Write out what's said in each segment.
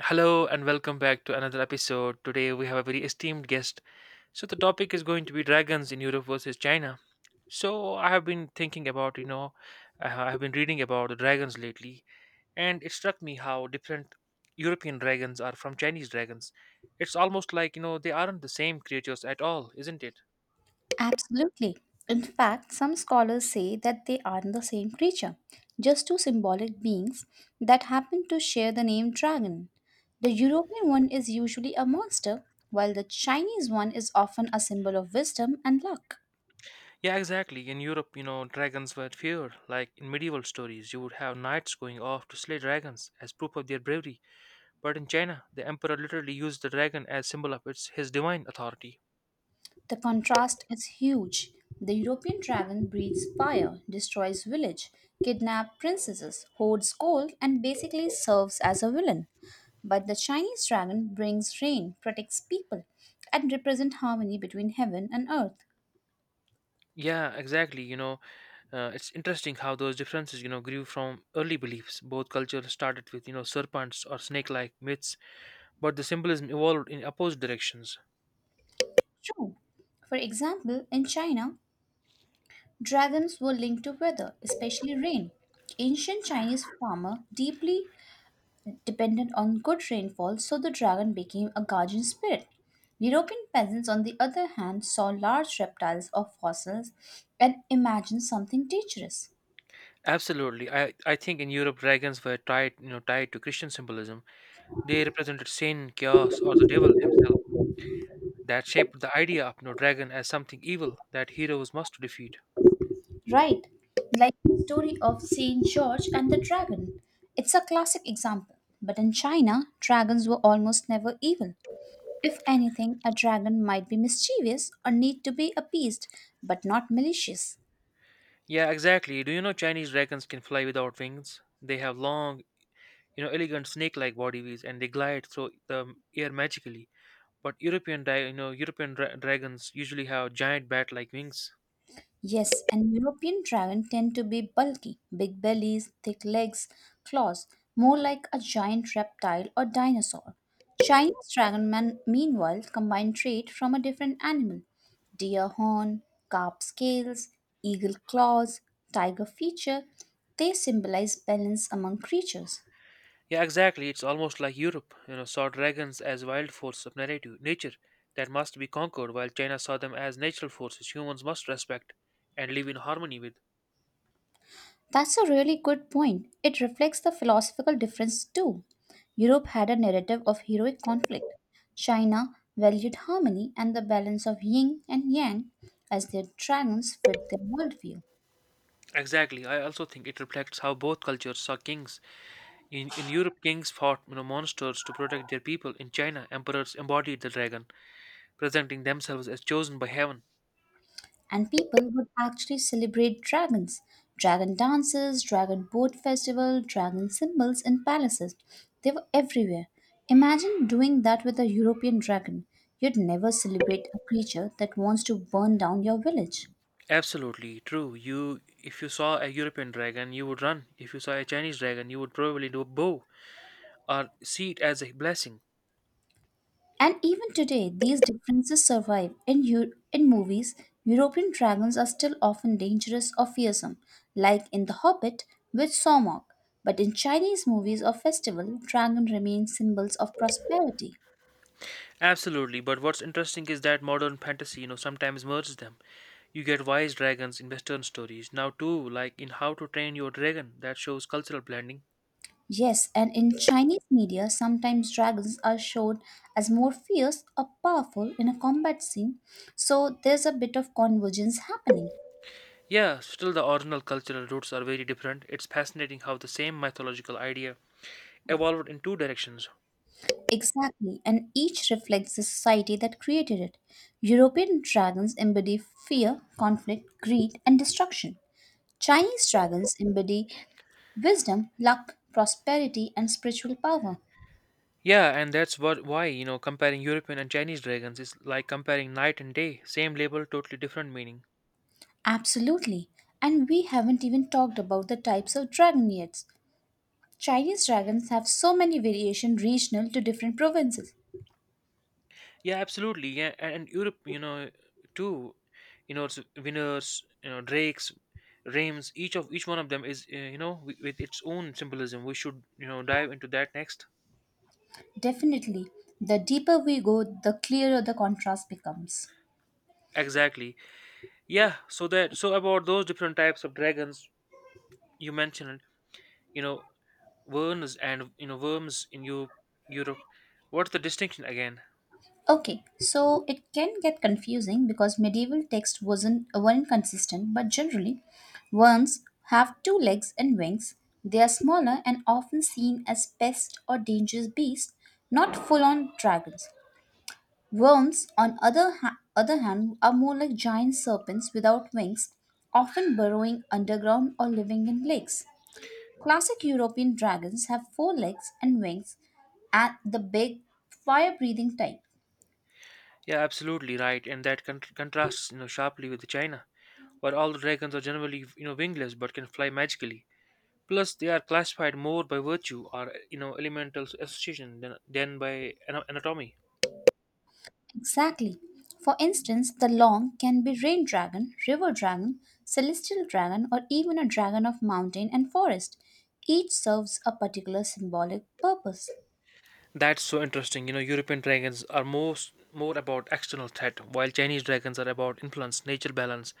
Hello and welcome back to another episode. Today we have a very esteemed guest. So the topic is going to be dragons in Europe versus China. So I have been thinking about, I have been reading about the dragons lately, and it struck me how different European dragons are from Chinese dragons. It's almost like, they aren't the same creatures at all, isn't it? Absolutely. In fact, some scholars say that they are not the same creature, just two symbolic beings that happen to share the name dragon. The European one is usually a monster, while the Chinese one is often a symbol of wisdom and luck. Yeah, exactly. In Europe, dragons were feared. Like in medieval stories, you would have knights going off to slay dragons as proof of their bravery. But in China, the emperor literally used the dragon as symbol of its his divine authority. The contrast is huge. The European dragon breathes fire, destroys village, kidnaps princesses, hoards gold, and basically serves as a villain. But the Chinese dragon brings rain, protects people, and represents harmony between heaven and earth. Yeah, exactly. It's interesting how those differences, grew from early beliefs. Both cultures started with, serpents or snake-like myths, but the symbolism evolved in opposite directions. True. For example, in China, dragons were linked to weather, especially rain. Ancient Chinese farmer deeply dependent on good rainfall, so the dragon became a guardian spirit. European peasants, on the other hand, saw large reptiles or fossils and imagined something dangerous. Absolutely, I think in Europe dragons were tied to Christian symbolism. They represented sin, chaos, or the devil himself. That shaped the idea of no dragon as something evil that heroes must defeat. Right, like the story of Saint George and the dragon. It's a classic example, but in China, dragons were almost never evil. If anything, a dragon might be mischievous or need to be appeased, but not malicious. Yeah, exactly. Do you know Chinese dragons can fly without wings? They have long, elegant snake-like bodies, and they glide through the air magically. But European, di- you know, European dragons usually have giant bat-like wings. Yes, and European dragon tend to be bulky, big bellies, thick legs, claws, more like a giant reptile or dinosaur. Chinese dragon man, meanwhile, combine trait from a different animal: deer horn, carp scales, eagle claws, tiger feature. They symbolize balance among creatures. Yeah, exactly. It's almost like Europe, saw dragons as wild force of narrative nature that must be conquered, while China saw them as natural forces humans must respect and live in harmony with. That's a really good point. It reflects the philosophical difference too. Europe had a narrative of heroic conflict. China valued harmony and the balance of yin and yang as their dragons fit their worldview. Exactly. I also think it reflects how both cultures saw kings. In Europe, kings fought, monsters to protect their people. In China, emperors embodied the dragon, presenting themselves as chosen by heaven. And people would actually celebrate dragons. Dragon dances, dragon boat festival, dragon symbols in palaces. They were everywhere. Imagine doing that with a European dragon. You'd never celebrate a creature that wants to burn down your village. Absolutely true. If you saw a European dragon, you would run. If you saw a Chinese dragon, you would probably do a bow or see it as a blessing. And even today, these differences survive. In movies, European dragons are still often dangerous or fearsome, like in The Hobbit with Sormok. But in Chinese movies or festival, dragons remain symbols of prosperity. Absolutely. But what's interesting is that modern fantasy, sometimes merges them. You get wise dragons in Western stories now too, like in How to Train Your Dragon, that shows cultural blending. Yes, and in Chinese media, sometimes dragons are shown as more fierce or powerful in a combat scene, so there's a bit of convergence happening. Yeah, still the original cultural roots are very different. It's fascinating how the same mythological idea evolved in two directions. Exactly, and each reflects the society that created it. European dragons embody fear, conflict, greed, and destruction. Chinese dragons embody wisdom, luck, prosperity, and spiritual power. Yeah, and that's what why, comparing European and Chinese dragons is like comparing night and day, same label, totally different meaning. Absolutely. And we haven't even talked about the types of dragon yet. Chinese dragons have so many variations regional to different provinces. Yeah, absolutely. Yeah, and Europe, too, it's winners, drakes, rams, each one of them is, with its own symbolism. We should, dive into that next. Definitely, the deeper we go, the clearer the contrast becomes. Exactly. Yeah, so that so about those different types of dragons you mentioned, you know worms, and worms in Europe. What's the distinction again? Okay, so it can get confusing because medieval text wasn't weren't consistent, but generally, worms have two legs and wings. They are smaller and often seen as pests or dangerous beasts, not full-on dragons. Worms, on other hand, are more like giant serpents without wings, often burrowing underground or living in lakes. Classic European dragons have four legs and wings, and the big fire-breathing type. Yeah, absolutely right, and that contrasts, sharply with China, where all the dragons are generally, wingless but can fly magically. Plus, they are classified more by virtue or, elemental association than by anatomy. Exactly. For instance, the long can be rain dragon, river dragon, celestial dragon, or even a dragon of mountain and forest. Each serves a particular symbolic purpose. That's so interesting. European dragons are most more about external threat, while Chinese dragons are about influence, nature balance.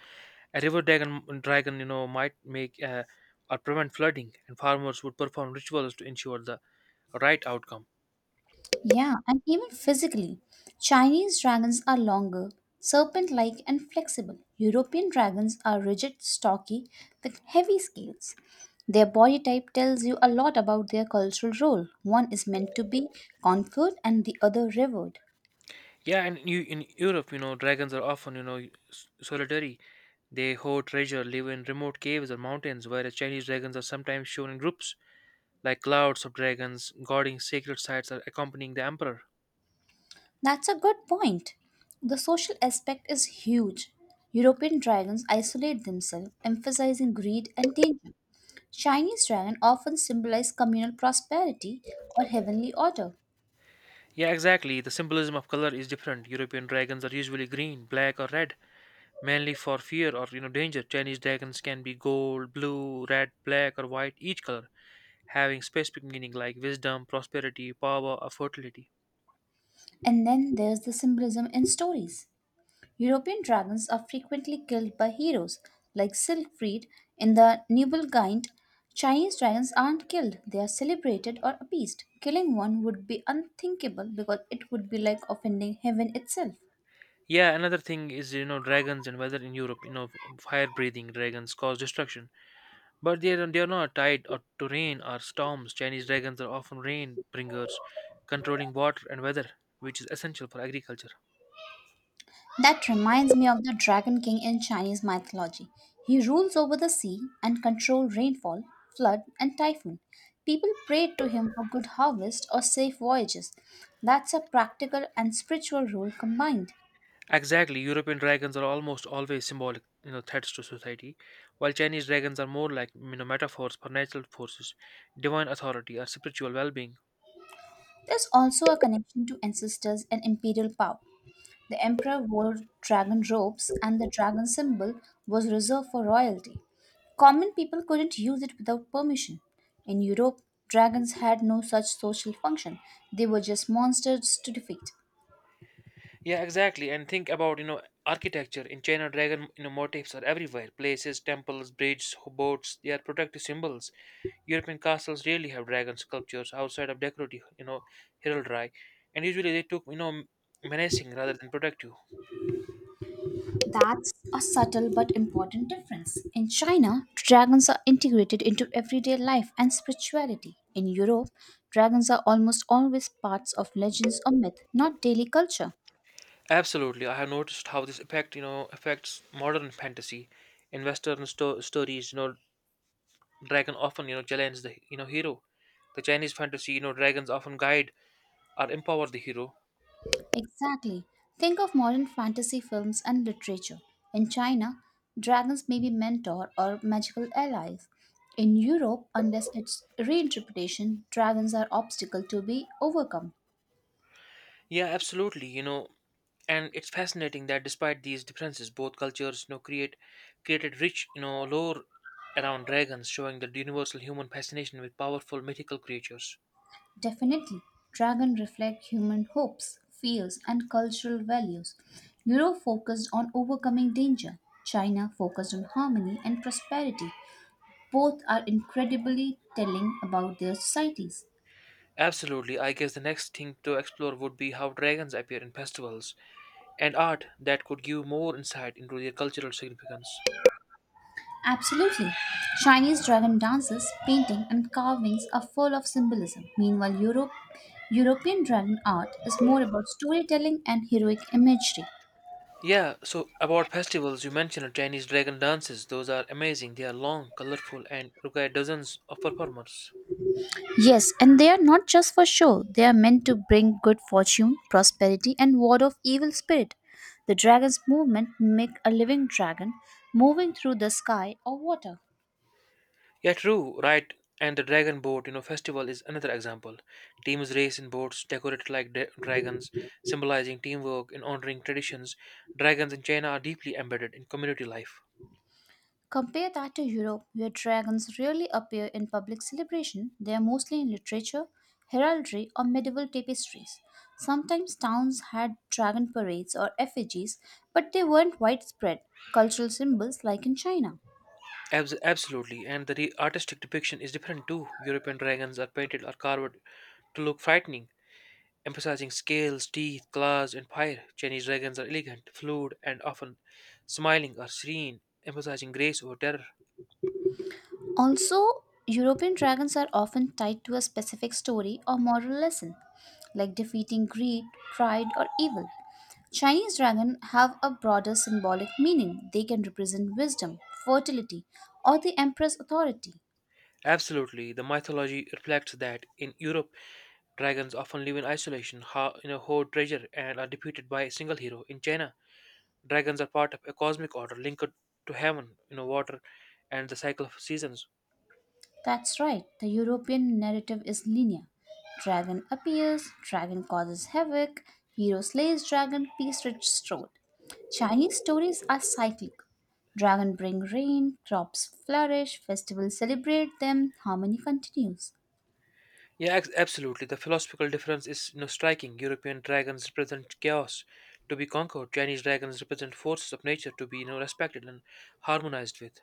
A river dragon, might make or prevent flooding, and farmers would perform rituals to ensure the right outcome. Yeah, and even physically. Chinese dragons are longer, serpent like, and flexible. European dragons are rigid, stocky, with heavy scales. Their body type tells you a lot about their cultural role. One is meant to be conquered and the other revered. Yeah, and you in Europe, dragons are often, solitary. They hoard treasure, live in remote caves or mountains, whereas Chinese dragons are sometimes shown in groups, like clouds of dragons guarding sacred sites or accompanying the emperor. That's a good point. The social aspect is huge. European dragons isolate themselves, emphasizing greed and danger. Chinese dragon often symbolize communal prosperity or heavenly order. Yeah, exactly. The symbolism of color is different. European dragons are usually green, black, or red, mainly for fear or, danger. Chinese dragons can be gold, blue, red, black, or white, each color having specific meaning like wisdom, prosperity, power, or fertility. And then there's the symbolism in stories. European dragons are frequently killed by heroes like Siegfried in the Nibelungenlied. Chinese dragons aren't killed, they are celebrated or appeased. Killing one would be unthinkable because it would be like offending heaven itself. Yeah, another thing is, dragons and weather in Europe. Fire breathing dragons cause destruction, but they are not tied or to rain or storms. Chinese dragons are often rain bringers, controlling water and weather, which is essential for agriculture. That reminds me of the Dragon King in Chinese mythology. He rules over the sea and controls rainfall, flood, and typhoon. People prayed to him for good harvest or safe voyages. That's a practical and spiritual role combined. Exactly, European dragons are almost always symbolic, threats to society, while Chinese dragons are more like, metaphors for natural forces, divine authority, or spiritual well-being. There's also a connection to ancestors and imperial power. The emperor wore dragon robes, and the dragon symbol was reserved for royalty. Common people couldn't use it without permission. In Europe, dragons had no such social function, they were just monsters to defeat. Yeah, exactly. And think about, architecture in China. Dragon, motifs are everywhere: places, temples, bridges, boats. They are protective symbols. European castles rarely have dragon sculptures outside of decorative, heraldry, and usually they took, menacing rather than protective. That's a subtle but important difference. In China, dragons are integrated into everyday life and spirituality. In Europe, dragons are almost always parts of legends or myth, not daily culture. Absolutely, I have noticed how this affects modern fantasy. In Western stories, dragon often, challenge the, hero. The Chinese fantasy, dragons often guide or empower the hero. Exactly. Think of modern fantasy films and literature. In China, dragons may be mentor or magical allies. In Europe, unless it's reinterpretation, dragons are obstacle to be overcome. Yeah, absolutely, and it's fascinating that despite these differences, both cultures, created rich, lore around dragons, showing the universal human fascination with powerful mythical creatures. Definitely, dragon reflect human hopes, fears, and cultural values. Europe focused on overcoming danger. China focused on harmony and prosperity. Both are incredibly telling about their societies. Absolutely, I guess the next thing to explore would be how dragons appear in festivals and art, that could give more insight into their cultural significance. Absolutely. Chinese dragon dances, painting, and carvings are full of symbolism. Meanwhile, European dragon art is more about storytelling and heroic imagery. Yeah, so about festivals, you mentioned Chinese dragon dances. Those are amazing. They are long, colorful, and require dozens of performers. Yes, and they are not just for show, they are meant to bring good fortune, prosperity, and ward off evil spirit. The dragon's movement make a living dragon moving through the sky or water. Yeah, true, right. And the dragon boat festival is another example. Teams race in boats decorated like dragons, symbolizing teamwork and honoring traditions. Dragons in China are deeply embedded in community life. Compare that to Europe, where dragons rarely appear in public celebration, they are mostly in literature, heraldry, or medieval tapestries. Sometimes towns had dragon parades or effigies, but they weren't widespread cultural symbols like in China. Absolutely, and the artistic depiction is different too. European dragons are painted or carved to look frightening, emphasizing scales, teeth, claws, and fire. Chinese dragons are elegant, fluid, and often smiling or serene, emphasizing grace over terror. Also, European dragons are often tied to a specific story or moral lesson, like defeating greed, pride, or evil. Chinese dragons have a broader symbolic meaning. They can represent wisdom, fertility, or the emperor's authority. Absolutely, the mythology reflects that in Europe, dragons often live in isolation, hoard treasure, and are defeated by a single hero. In China, dragons are part of a cosmic order linked to heaven, water, and the cycle of seasons. That's right, the European narrative is linear. Dragon appears, dragon causes havoc, hero slays dragon, peace restored. Chinese stories are cyclic. Dragon bring rain, crops flourish, festivals celebrate them, harmony continues. Yeah, absolutely. The philosophical difference is, striking. European dragons represent chaos to be conquered. Chinese dragons represent forces of nature to be, respected and harmonized with.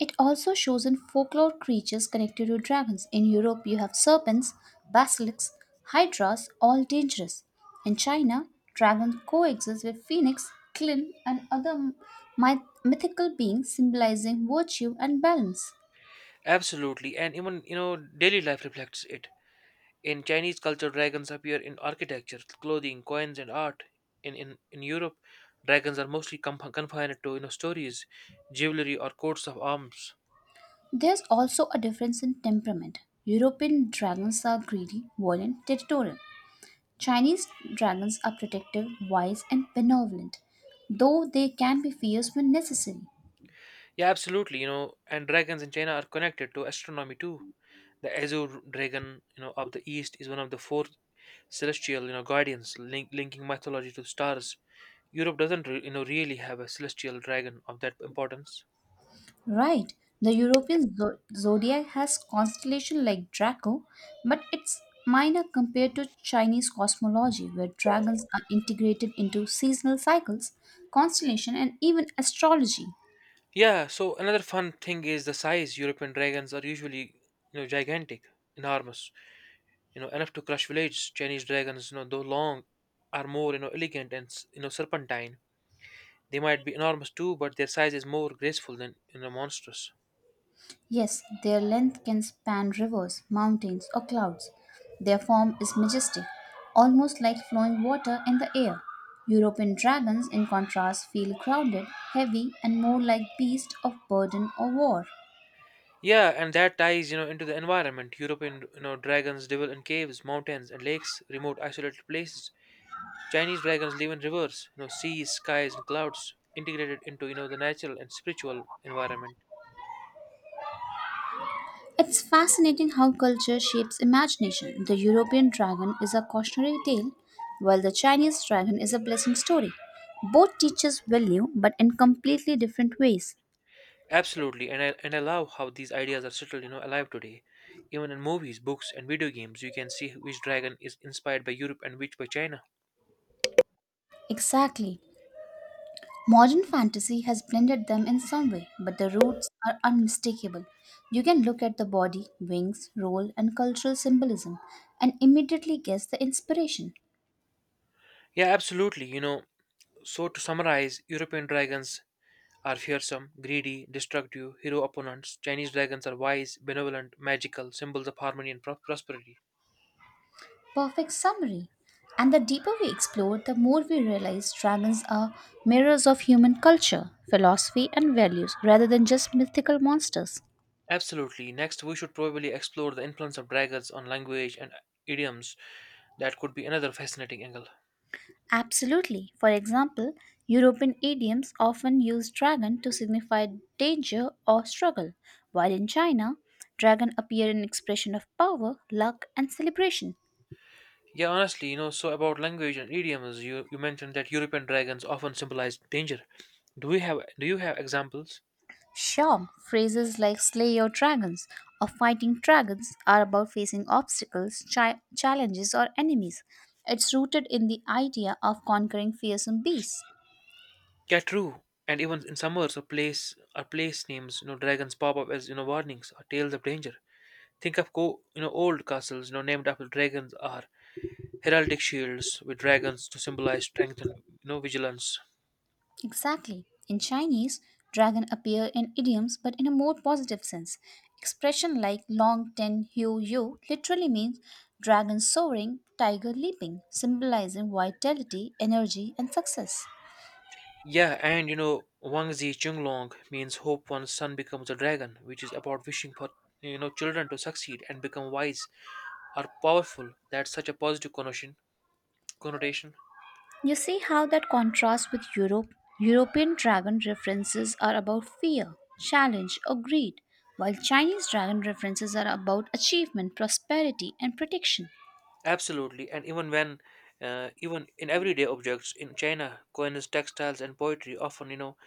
It also shows in folklore creatures connected to dragons. In Europe, you have serpents, basilisks, hydras, all dangerous. In China, dragons coexist with phoenix, Klim, and other mythical beings symbolizing virtue and balance. Absolutely, and even, daily life reflects it. In Chinese culture, dragons appear in architecture, clothing, coins, and art. In Europe, dragons are mostly confined to, stories, jewelry, or coats of arms. There's also a difference in temperament. European dragons are greedy, violent, territorial. Chinese dragons are protective, wise, and benevolent, though they can be fierce when necessary. Yeah, absolutely. And dragons in China are connected to astronomy too. The azure dragon, of the east is one of the four celestial, guardians linking mythology to stars. Europe doesn't really have a celestial dragon of that importance. Right. The European zodiac has constellation like Draco, but it's minor compared to Chinese cosmology where dragons are integrated into seasonal cycles, constellation and even astrology. Yeah, so another fun thing is the size. European dragons are usually, gigantic, enormous, enough to crush villages. Chinese dragons, though long, are more, elegant and, serpentine. They might be enormous too, but their size is more graceful than, monstrous. Yes, their length can span rivers, mountains or clouds. Their form is majestic, almost like flowing water in the air. European dragons in contrast feel crowded, heavy and more like beasts of burden or war. Yeah, and that ties, into the environment. European, dragons dwell in caves, mountains, and lakes, remote, isolated places. Chinese dragons live in rivers, seas, skies, and clouds, integrated into, the natural and spiritual environment. It's fascinating how culture shapes imagination. The European dragon is a cautionary tale, while the Chinese dragon is a blessing story. Both teach us value, but in completely different ways. Absolutely, and I love how these ideas are still, alive today. Even in movies, books, and video games, you can see which dragon is inspired by Europe and which by China. Exactly. Modern fantasy has blended them in some way, but the roots are unmistakable. You can look at the body, wings, role, and cultural symbolism and immediately guess the inspiration. Yeah, absolutely. So to summarize, European dragons are fearsome, greedy, destructive, hero opponents. Chinese dragons are wise, benevolent, magical, symbols of harmony and prosperity. Perfect summary. And the deeper we explore, the more we realize dragons are mirrors of human culture, philosophy, and values rather than just mythical monsters. Absolutely. Next, we should probably explore the influence of dragons on language and idioms. That could be another fascinating angle. Absolutely. For example, European idioms often use dragon to signify danger or struggle, while in China, dragon appear in expression of power, luck, and celebration. Yeah, honestly, so about language and idioms, you mentioned that European dragons often symbolize danger. Do you have examples? Sure, phrases like slay your dragons or fighting dragons are about facing obstacles, challenges, or enemies. It's rooted in the idea of conquering fearsome beasts. Yeah, true. And even in summers, a place or place names, dragons pop up as, warnings or tales of danger. Think of old castles, named after dragons, or heraldic shields with dragons to symbolize strength and, vigilance. Exactly. In Chinese, dragon appear in idioms but in a more positive sense. Expression like long ten hu yu literally means dragon soaring, tiger leaping, symbolizing vitality, energy, and success. Yeah, and, Wangzi Chunglong means hope one's son becomes a dragon, which is about wishing for, children to succeed and become wise or powerful. That's such a positive connotation. Connotation. You see how that contrasts with Europe? European dragon references are about fear, challenge, or greed, while Chinese dragon references are about achievement, prosperity, and protection. Absolutely, and even even in everyday objects in China, coins, textiles, and poetry often,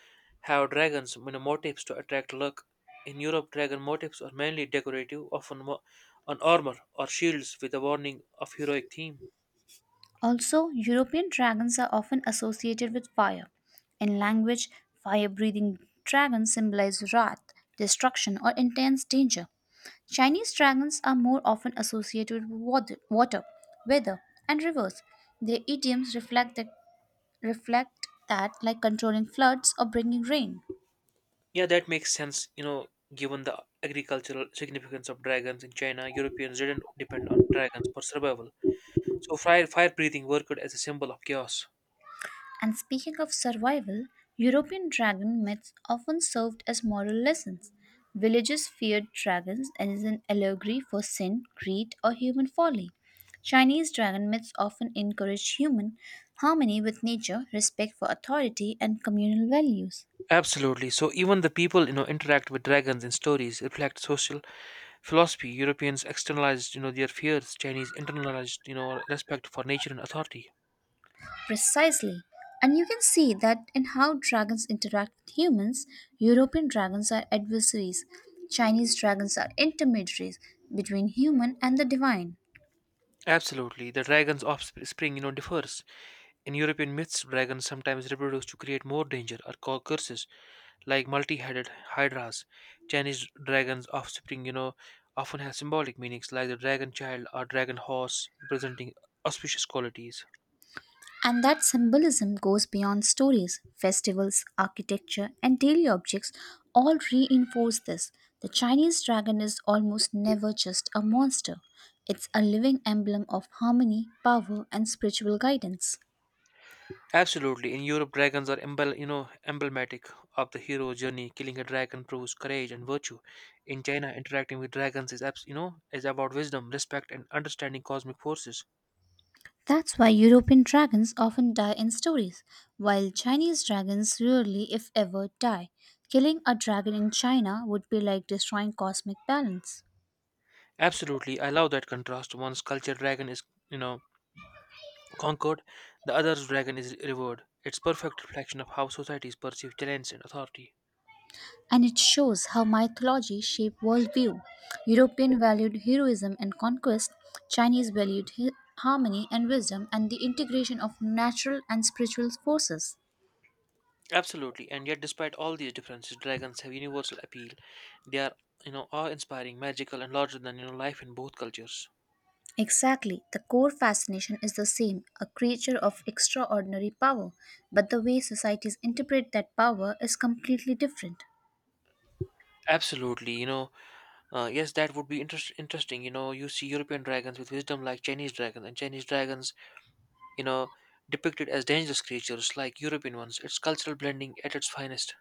have dragons, motifs to attract luck. In Europe, dragon motifs are mainly decorative, often on armor or shields with a warning of heroic theme. Also, European dragons are often associated with fire. In language, fire breathing dragons symbolize wrath, destruction, or intense danger. Chinese dragons are more often associated with water, weather, and rivers. Their idioms reflect that like controlling floods or bringing rain. Yeah, that makes sense, given the agricultural significance of dragons in China. Europeans didn't depend on dragons for survival, so fire breathing worked as a symbol of chaos. And speaking of survival, European dragon myths often served as moral lessons. Villagers feared dragons as an allegory for sin, greed, or human folly. Chinese dragon myths often encourage human harmony with nature, respect for authority, and communal values. Absolutely. So even the people, interact with dragons in stories reflect social philosophy. Europeans externalized, their fears. Chinese internalized, respect for nature and authority. Precisely. And you can see that in how dragons interact with humans. European dragons are adversaries, Chinese dragons are intermediaries between human and the divine. Absolutely. The dragon's offspring differs. In European myths, dragons sometimes reproduce to create more danger or cause curses, like multi-headed hydras. Chinese dragons' offspring, often have symbolic meanings, like the dragon child or dragon horse, representing auspicious qualities. And that symbolism goes beyond stories. Festivals, architecture, and daily objects all reinforce this. The Chinese dragon is almost never just a monster, it's a living emblem of harmony, power, and spiritual guidance. Absolutely. In Europe, dragons are emblematic of the hero's journey. Killing a dragon proves courage and virtue. In China, interacting with dragons is, abs- you know, is about wisdom, respect, and understanding cosmic forces. That's why European dragons often die in stories, while Chinese dragons rarely, if ever, die. Killing a dragon in China would be like destroying cosmic balance. Absolutely, I love that contrast. One's culture dragon is, you know, conquered; the other's dragon is revered. It's perfect reflection of how societies perceive talents and authority. And it shows how mythology shaped worldview. European valued heroism and conquest, Chinese valued harmony and wisdom, and the integration of natural and spiritual forces. Absolutely, and yet, despite all these differences, dragons have universal appeal. They are awe-inspiring, magical, and larger than life in both cultures. Exactly. The core fascination is the same a creature of extraordinary power. But the way societies interpret that power is completely different. Absolutely, yes, that would be interesting. You see European dragons with wisdom like Chinese dragons, and Chinese dragons, you know, depicted as dangerous creatures like European ones. It's cultural blending at its finest.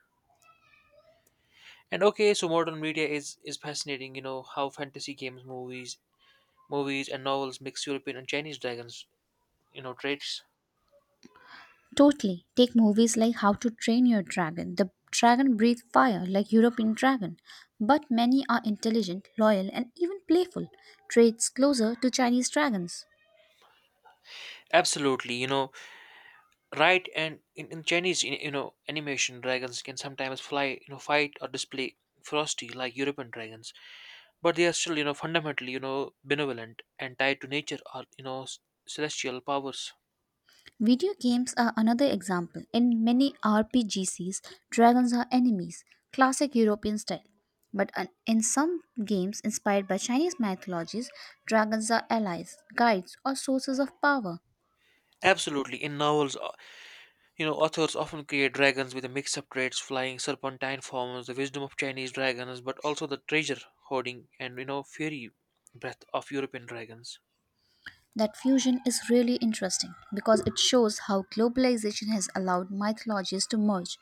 And okay, so modern media is fascinating. You know how fantasy games, movies, and novels mix European and Chinese dragons, traits. Totally. Take movies like How to Train Your Dragon. The dragon breathes fire like European dragon. But many are intelligent, loyal, and even playful, traits closer to Chinese dragons. Absolutely, right? And in Chinese, animation dragons can sometimes fly, fight or display ferocity like European dragons, but they are still fundamentally benevolent and tied to nature or celestial powers. Video games are another example. In many RPGs, dragons are enemies, classic European style. But in some games inspired by Chinese mythologies, dragons are allies, guides, or sources of power. Absolutely, in novels, authors often create dragons with a mix of traits: flying serpentine forms, the wisdom of Chinese dragons, but also the treasure hoarding and fury breath of European dragons. That fusion is really interesting because it shows how globalization has allowed mythologies to merge.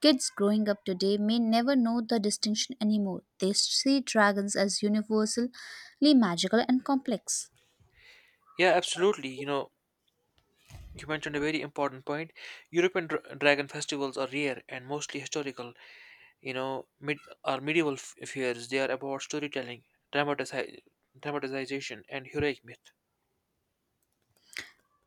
Kids growing up today may never know the distinction anymore. They see dragons as universally magical and complex. Yeah, absolutely. You mentioned a very important point. European dragon festivals are rare and mostly historical, mid or medieval fairs. They are about storytelling, dramatizi- dramatization, and heroic myth.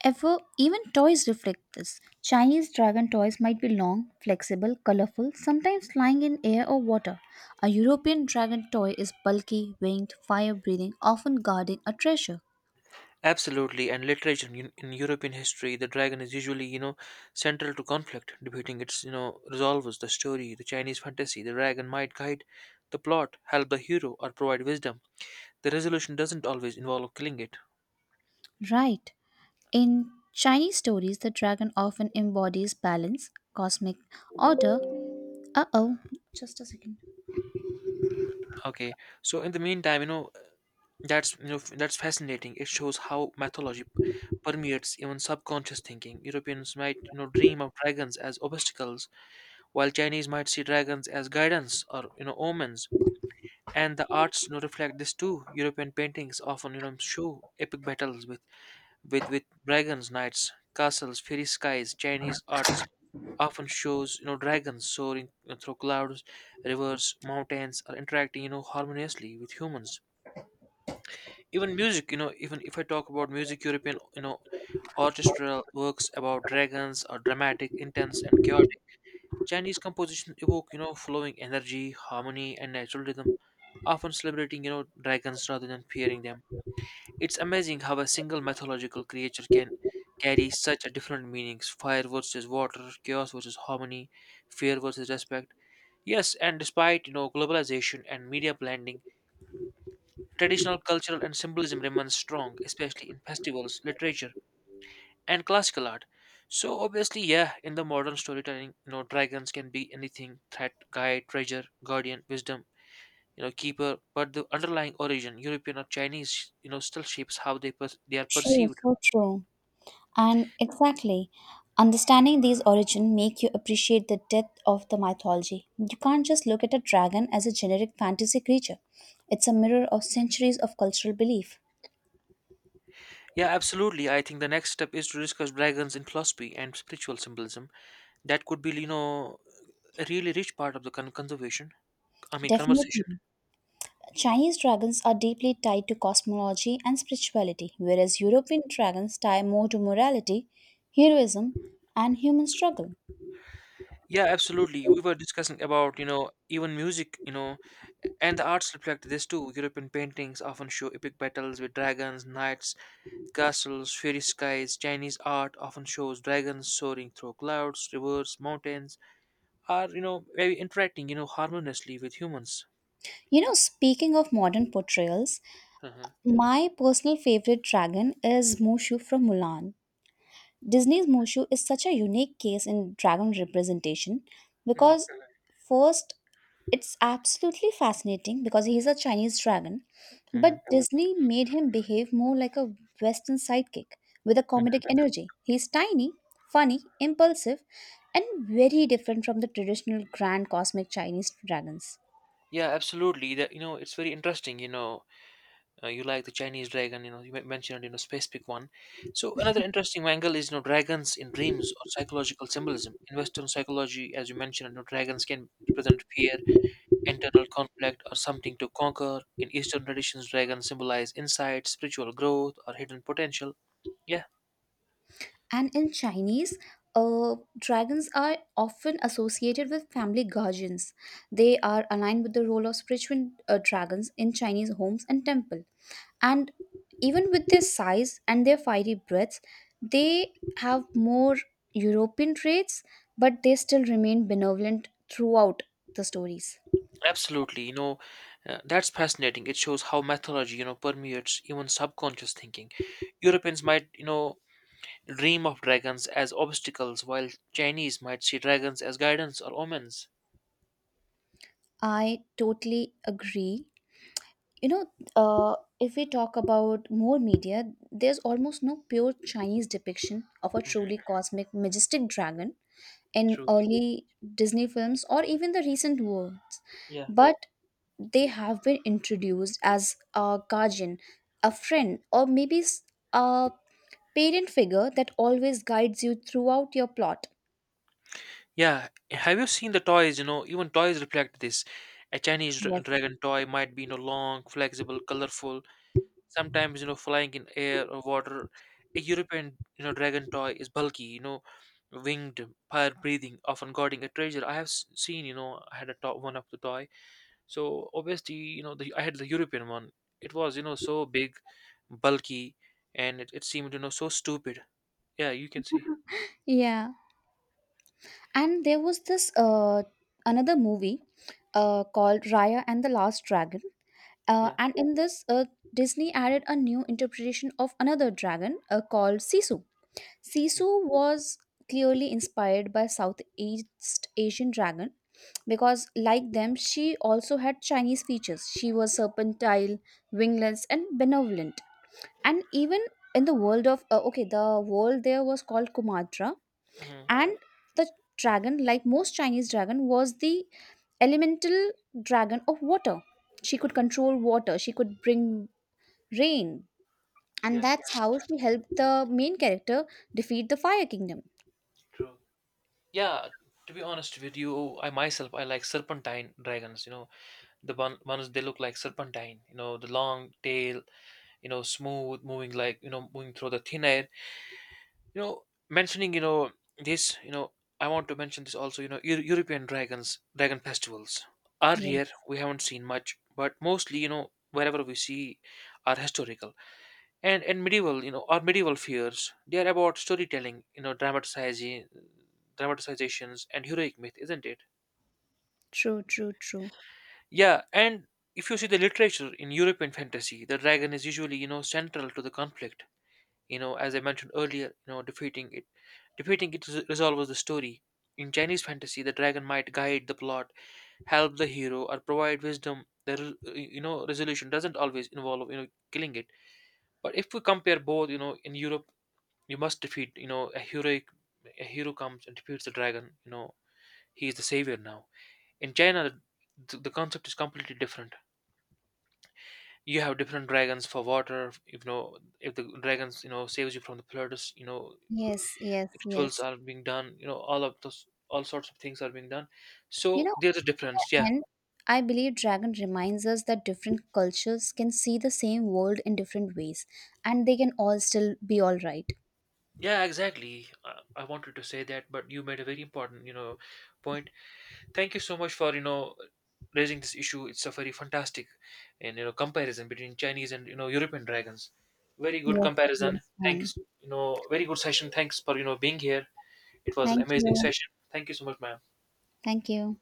Even toys reflect this. Chinese dragon toys might be long, flexible, colorful, sometimes flying in air or water. A European dragon toy is bulky, winged, fire breathing, often guarding a treasure. Absolutely, and literature, in European history, the dragon is usually central to conflict, debating its resolves the story. The Chinese fantasy, the dragon might guide the plot, help the hero, or provide wisdom. The resolution doesn't always involve killing it. Right. In Chinese stories, the dragon often embodies balance, cosmic order. Uh oh, just a second. Okay, so in the meantime, you know That's you know, f- that's fascinating. It shows how mythology permeates even subconscious thinking. Europeans might dream of dragons as obstacles, while Chinese might see dragons as guidance or omens. And the arts reflect this too. European paintings often show epic battles with dragons, knights, castles, fiery skies. Chinese arts often shows dragons soaring through clouds, rivers, mountains, or interacting harmoniously with humans. Even music, even if I talk about music, European orchestral works about dragons are dramatic, intense, and chaotic. Chinese compositions evoke flowing energy, harmony, and natural rhythm, often celebrating dragons rather than fearing them. It's amazing how a single mythological creature can carry such a different meanings: fire versus water, chaos versus harmony, fear versus respect. Yes, and despite globalization and media blending, traditional cultural and symbolism remains strong, especially in festivals, literature, and classical art. So obviously, yeah, in the modern storytelling, dragons can be anything: threat, guide, treasure, guardian, wisdom, keeper. But the underlying origin, European or Chinese, still shapes how they are True, perceived. so true. And exactly, understanding these origin make you appreciate the depth of the mythology. You can't just look at a dragon as a generic fantasy creature. It's a mirror of centuries of cultural belief. Yeah, absolutely. I think the next step is to discuss dragons in philosophy and spiritual symbolism. That could be a really rich part of the conservation. I mean, conversation. Definitely. Chinese dragons are deeply tied to cosmology and spirituality, whereas European dragons tie more to morality, heroism, and human struggle. Yeah, absolutely. We were discussing about, even music, and the arts reflect this too. European paintings often show epic battles with dragons, knights, castles, fairy skies. Chinese art often shows dragons soaring through clouds, rivers, mountains, are very interacting, harmoniously with humans. You know, speaking of modern portrayals, Uh-huh. my personal favorite dragon is Mushu from Mulan. Disney's Mushu is such a unique case in dragon representation Hmm. because, first, it's absolutely fascinating because he's a Chinese dragon, Hmm. but Disney made him behave more like a Western sidekick with a comedic energy. He's tiny, funny, impulsive, and very different from the traditional grand cosmic Chinese dragons. Yeah, absolutely. That, it's very interesting, you like the Chinese dragon, you mentioned, specific one. So another interesting angle is dragons in dreams or psychological symbolism. In Western psychology, as you mentioned, dragons can represent fear, internal conflict, or something to conquer. In Eastern traditions, dragons symbolize insight, spiritual growth, or hidden potential. Yeah, And in Chinese, dragons are often associated with family guardians. They are aligned with the role of spiritual dragons in Chinese homes and temple. And even with their size and their fiery breaths, they have more European traits, but they still remain benevolent throughout the stories. absolutely. That's fascinating. It shows how mythology, permeates even subconscious thinking. Europeans might dream of dragons as obstacles, while Chinese might see dragons as guidance or omens. I totally agree, you know if we talk about more media, there's almost no pure Chinese depiction of a Mhm. truly cosmic majestic dragon in True. early Disney films or even the recent ones, Yeah. but they have been introduced as a guardian, a friend, or maybe a parent figure that always guides you throughout your plot. Yeah. Have you seen the toys? Even toys reflect this. A Chinese Yes. dragon toy might be long, flexible, colorful, sometimes flying in air or water. A European dragon toy is bulky, winged, fire breathing, often guarding a treasure. I have seen. I had a top one of the toy. So obviously, I had the European one. It was so big, bulky, and it seemed so stupid. Yeah, you can see. Yeah, and there was this another movie called Raya and the Last Dragon. Yeah. And in this, Disney added a new interpretation of another dragon called Sisu. Sisu was clearly inspired by Southeast Asian dragon because, like them, she also had Chinese features. She was serpentine, wingless, and benevolent. And even in the world of okay, the world there was called Kumatra, Mm-hmm. and the dragon, like most Chinese dragon, was the elemental dragon of water. She could control water, she could bring rain, and Yeah, that's how she helped the main character defeat the fire kingdom. true. Yeah, to be honest with you, I myself I like serpentine dragons. The ones they look like serpentine. The long tail. Smooth moving like moving through the thin air. You know mentioning you know this you know I want to mention this also. European dragon festivals are rare. Yes. We haven't seen much, but mostly, wherever we see, are historical and medieval you know or medieval fears. They are about storytelling, dramatizing dramatizations, and heroic myth, isn't it? True, true, true. Yeah. And if you see the literature in European fantasy, the dragon is usually central to the conflict, as I mentioned earlier, defeating it resolves the story. In Chinese fantasy, the dragon might guide the plot, help the hero, or provide wisdom. The resolution doesn't always involve killing it. But if we compare both, in Europe, you must defeat, a hero comes and defeats the dragon. He is the savior now. In China, the concept is completely different. You have different dragons for water. If the dragons, saves you from the flooders, Yes, yes, yes. rituals are being done. All sorts of things are being done, You so know, there's a difference, yeah. and I believe dragon reminds us that different cultures can see the same world in different ways, and they can all still be all right. Yeah, exactly. I wanted to say that, but you made a very important point. Thank you so much for raising this issue. It's a very fantastic and comparison between Chinese and European dragons. Very good Yes, it comparison. was fun. Thanks, very good session. Thanks for being here. It was an Thank amazing you. session. Thank you so much, ma'am. Thank you.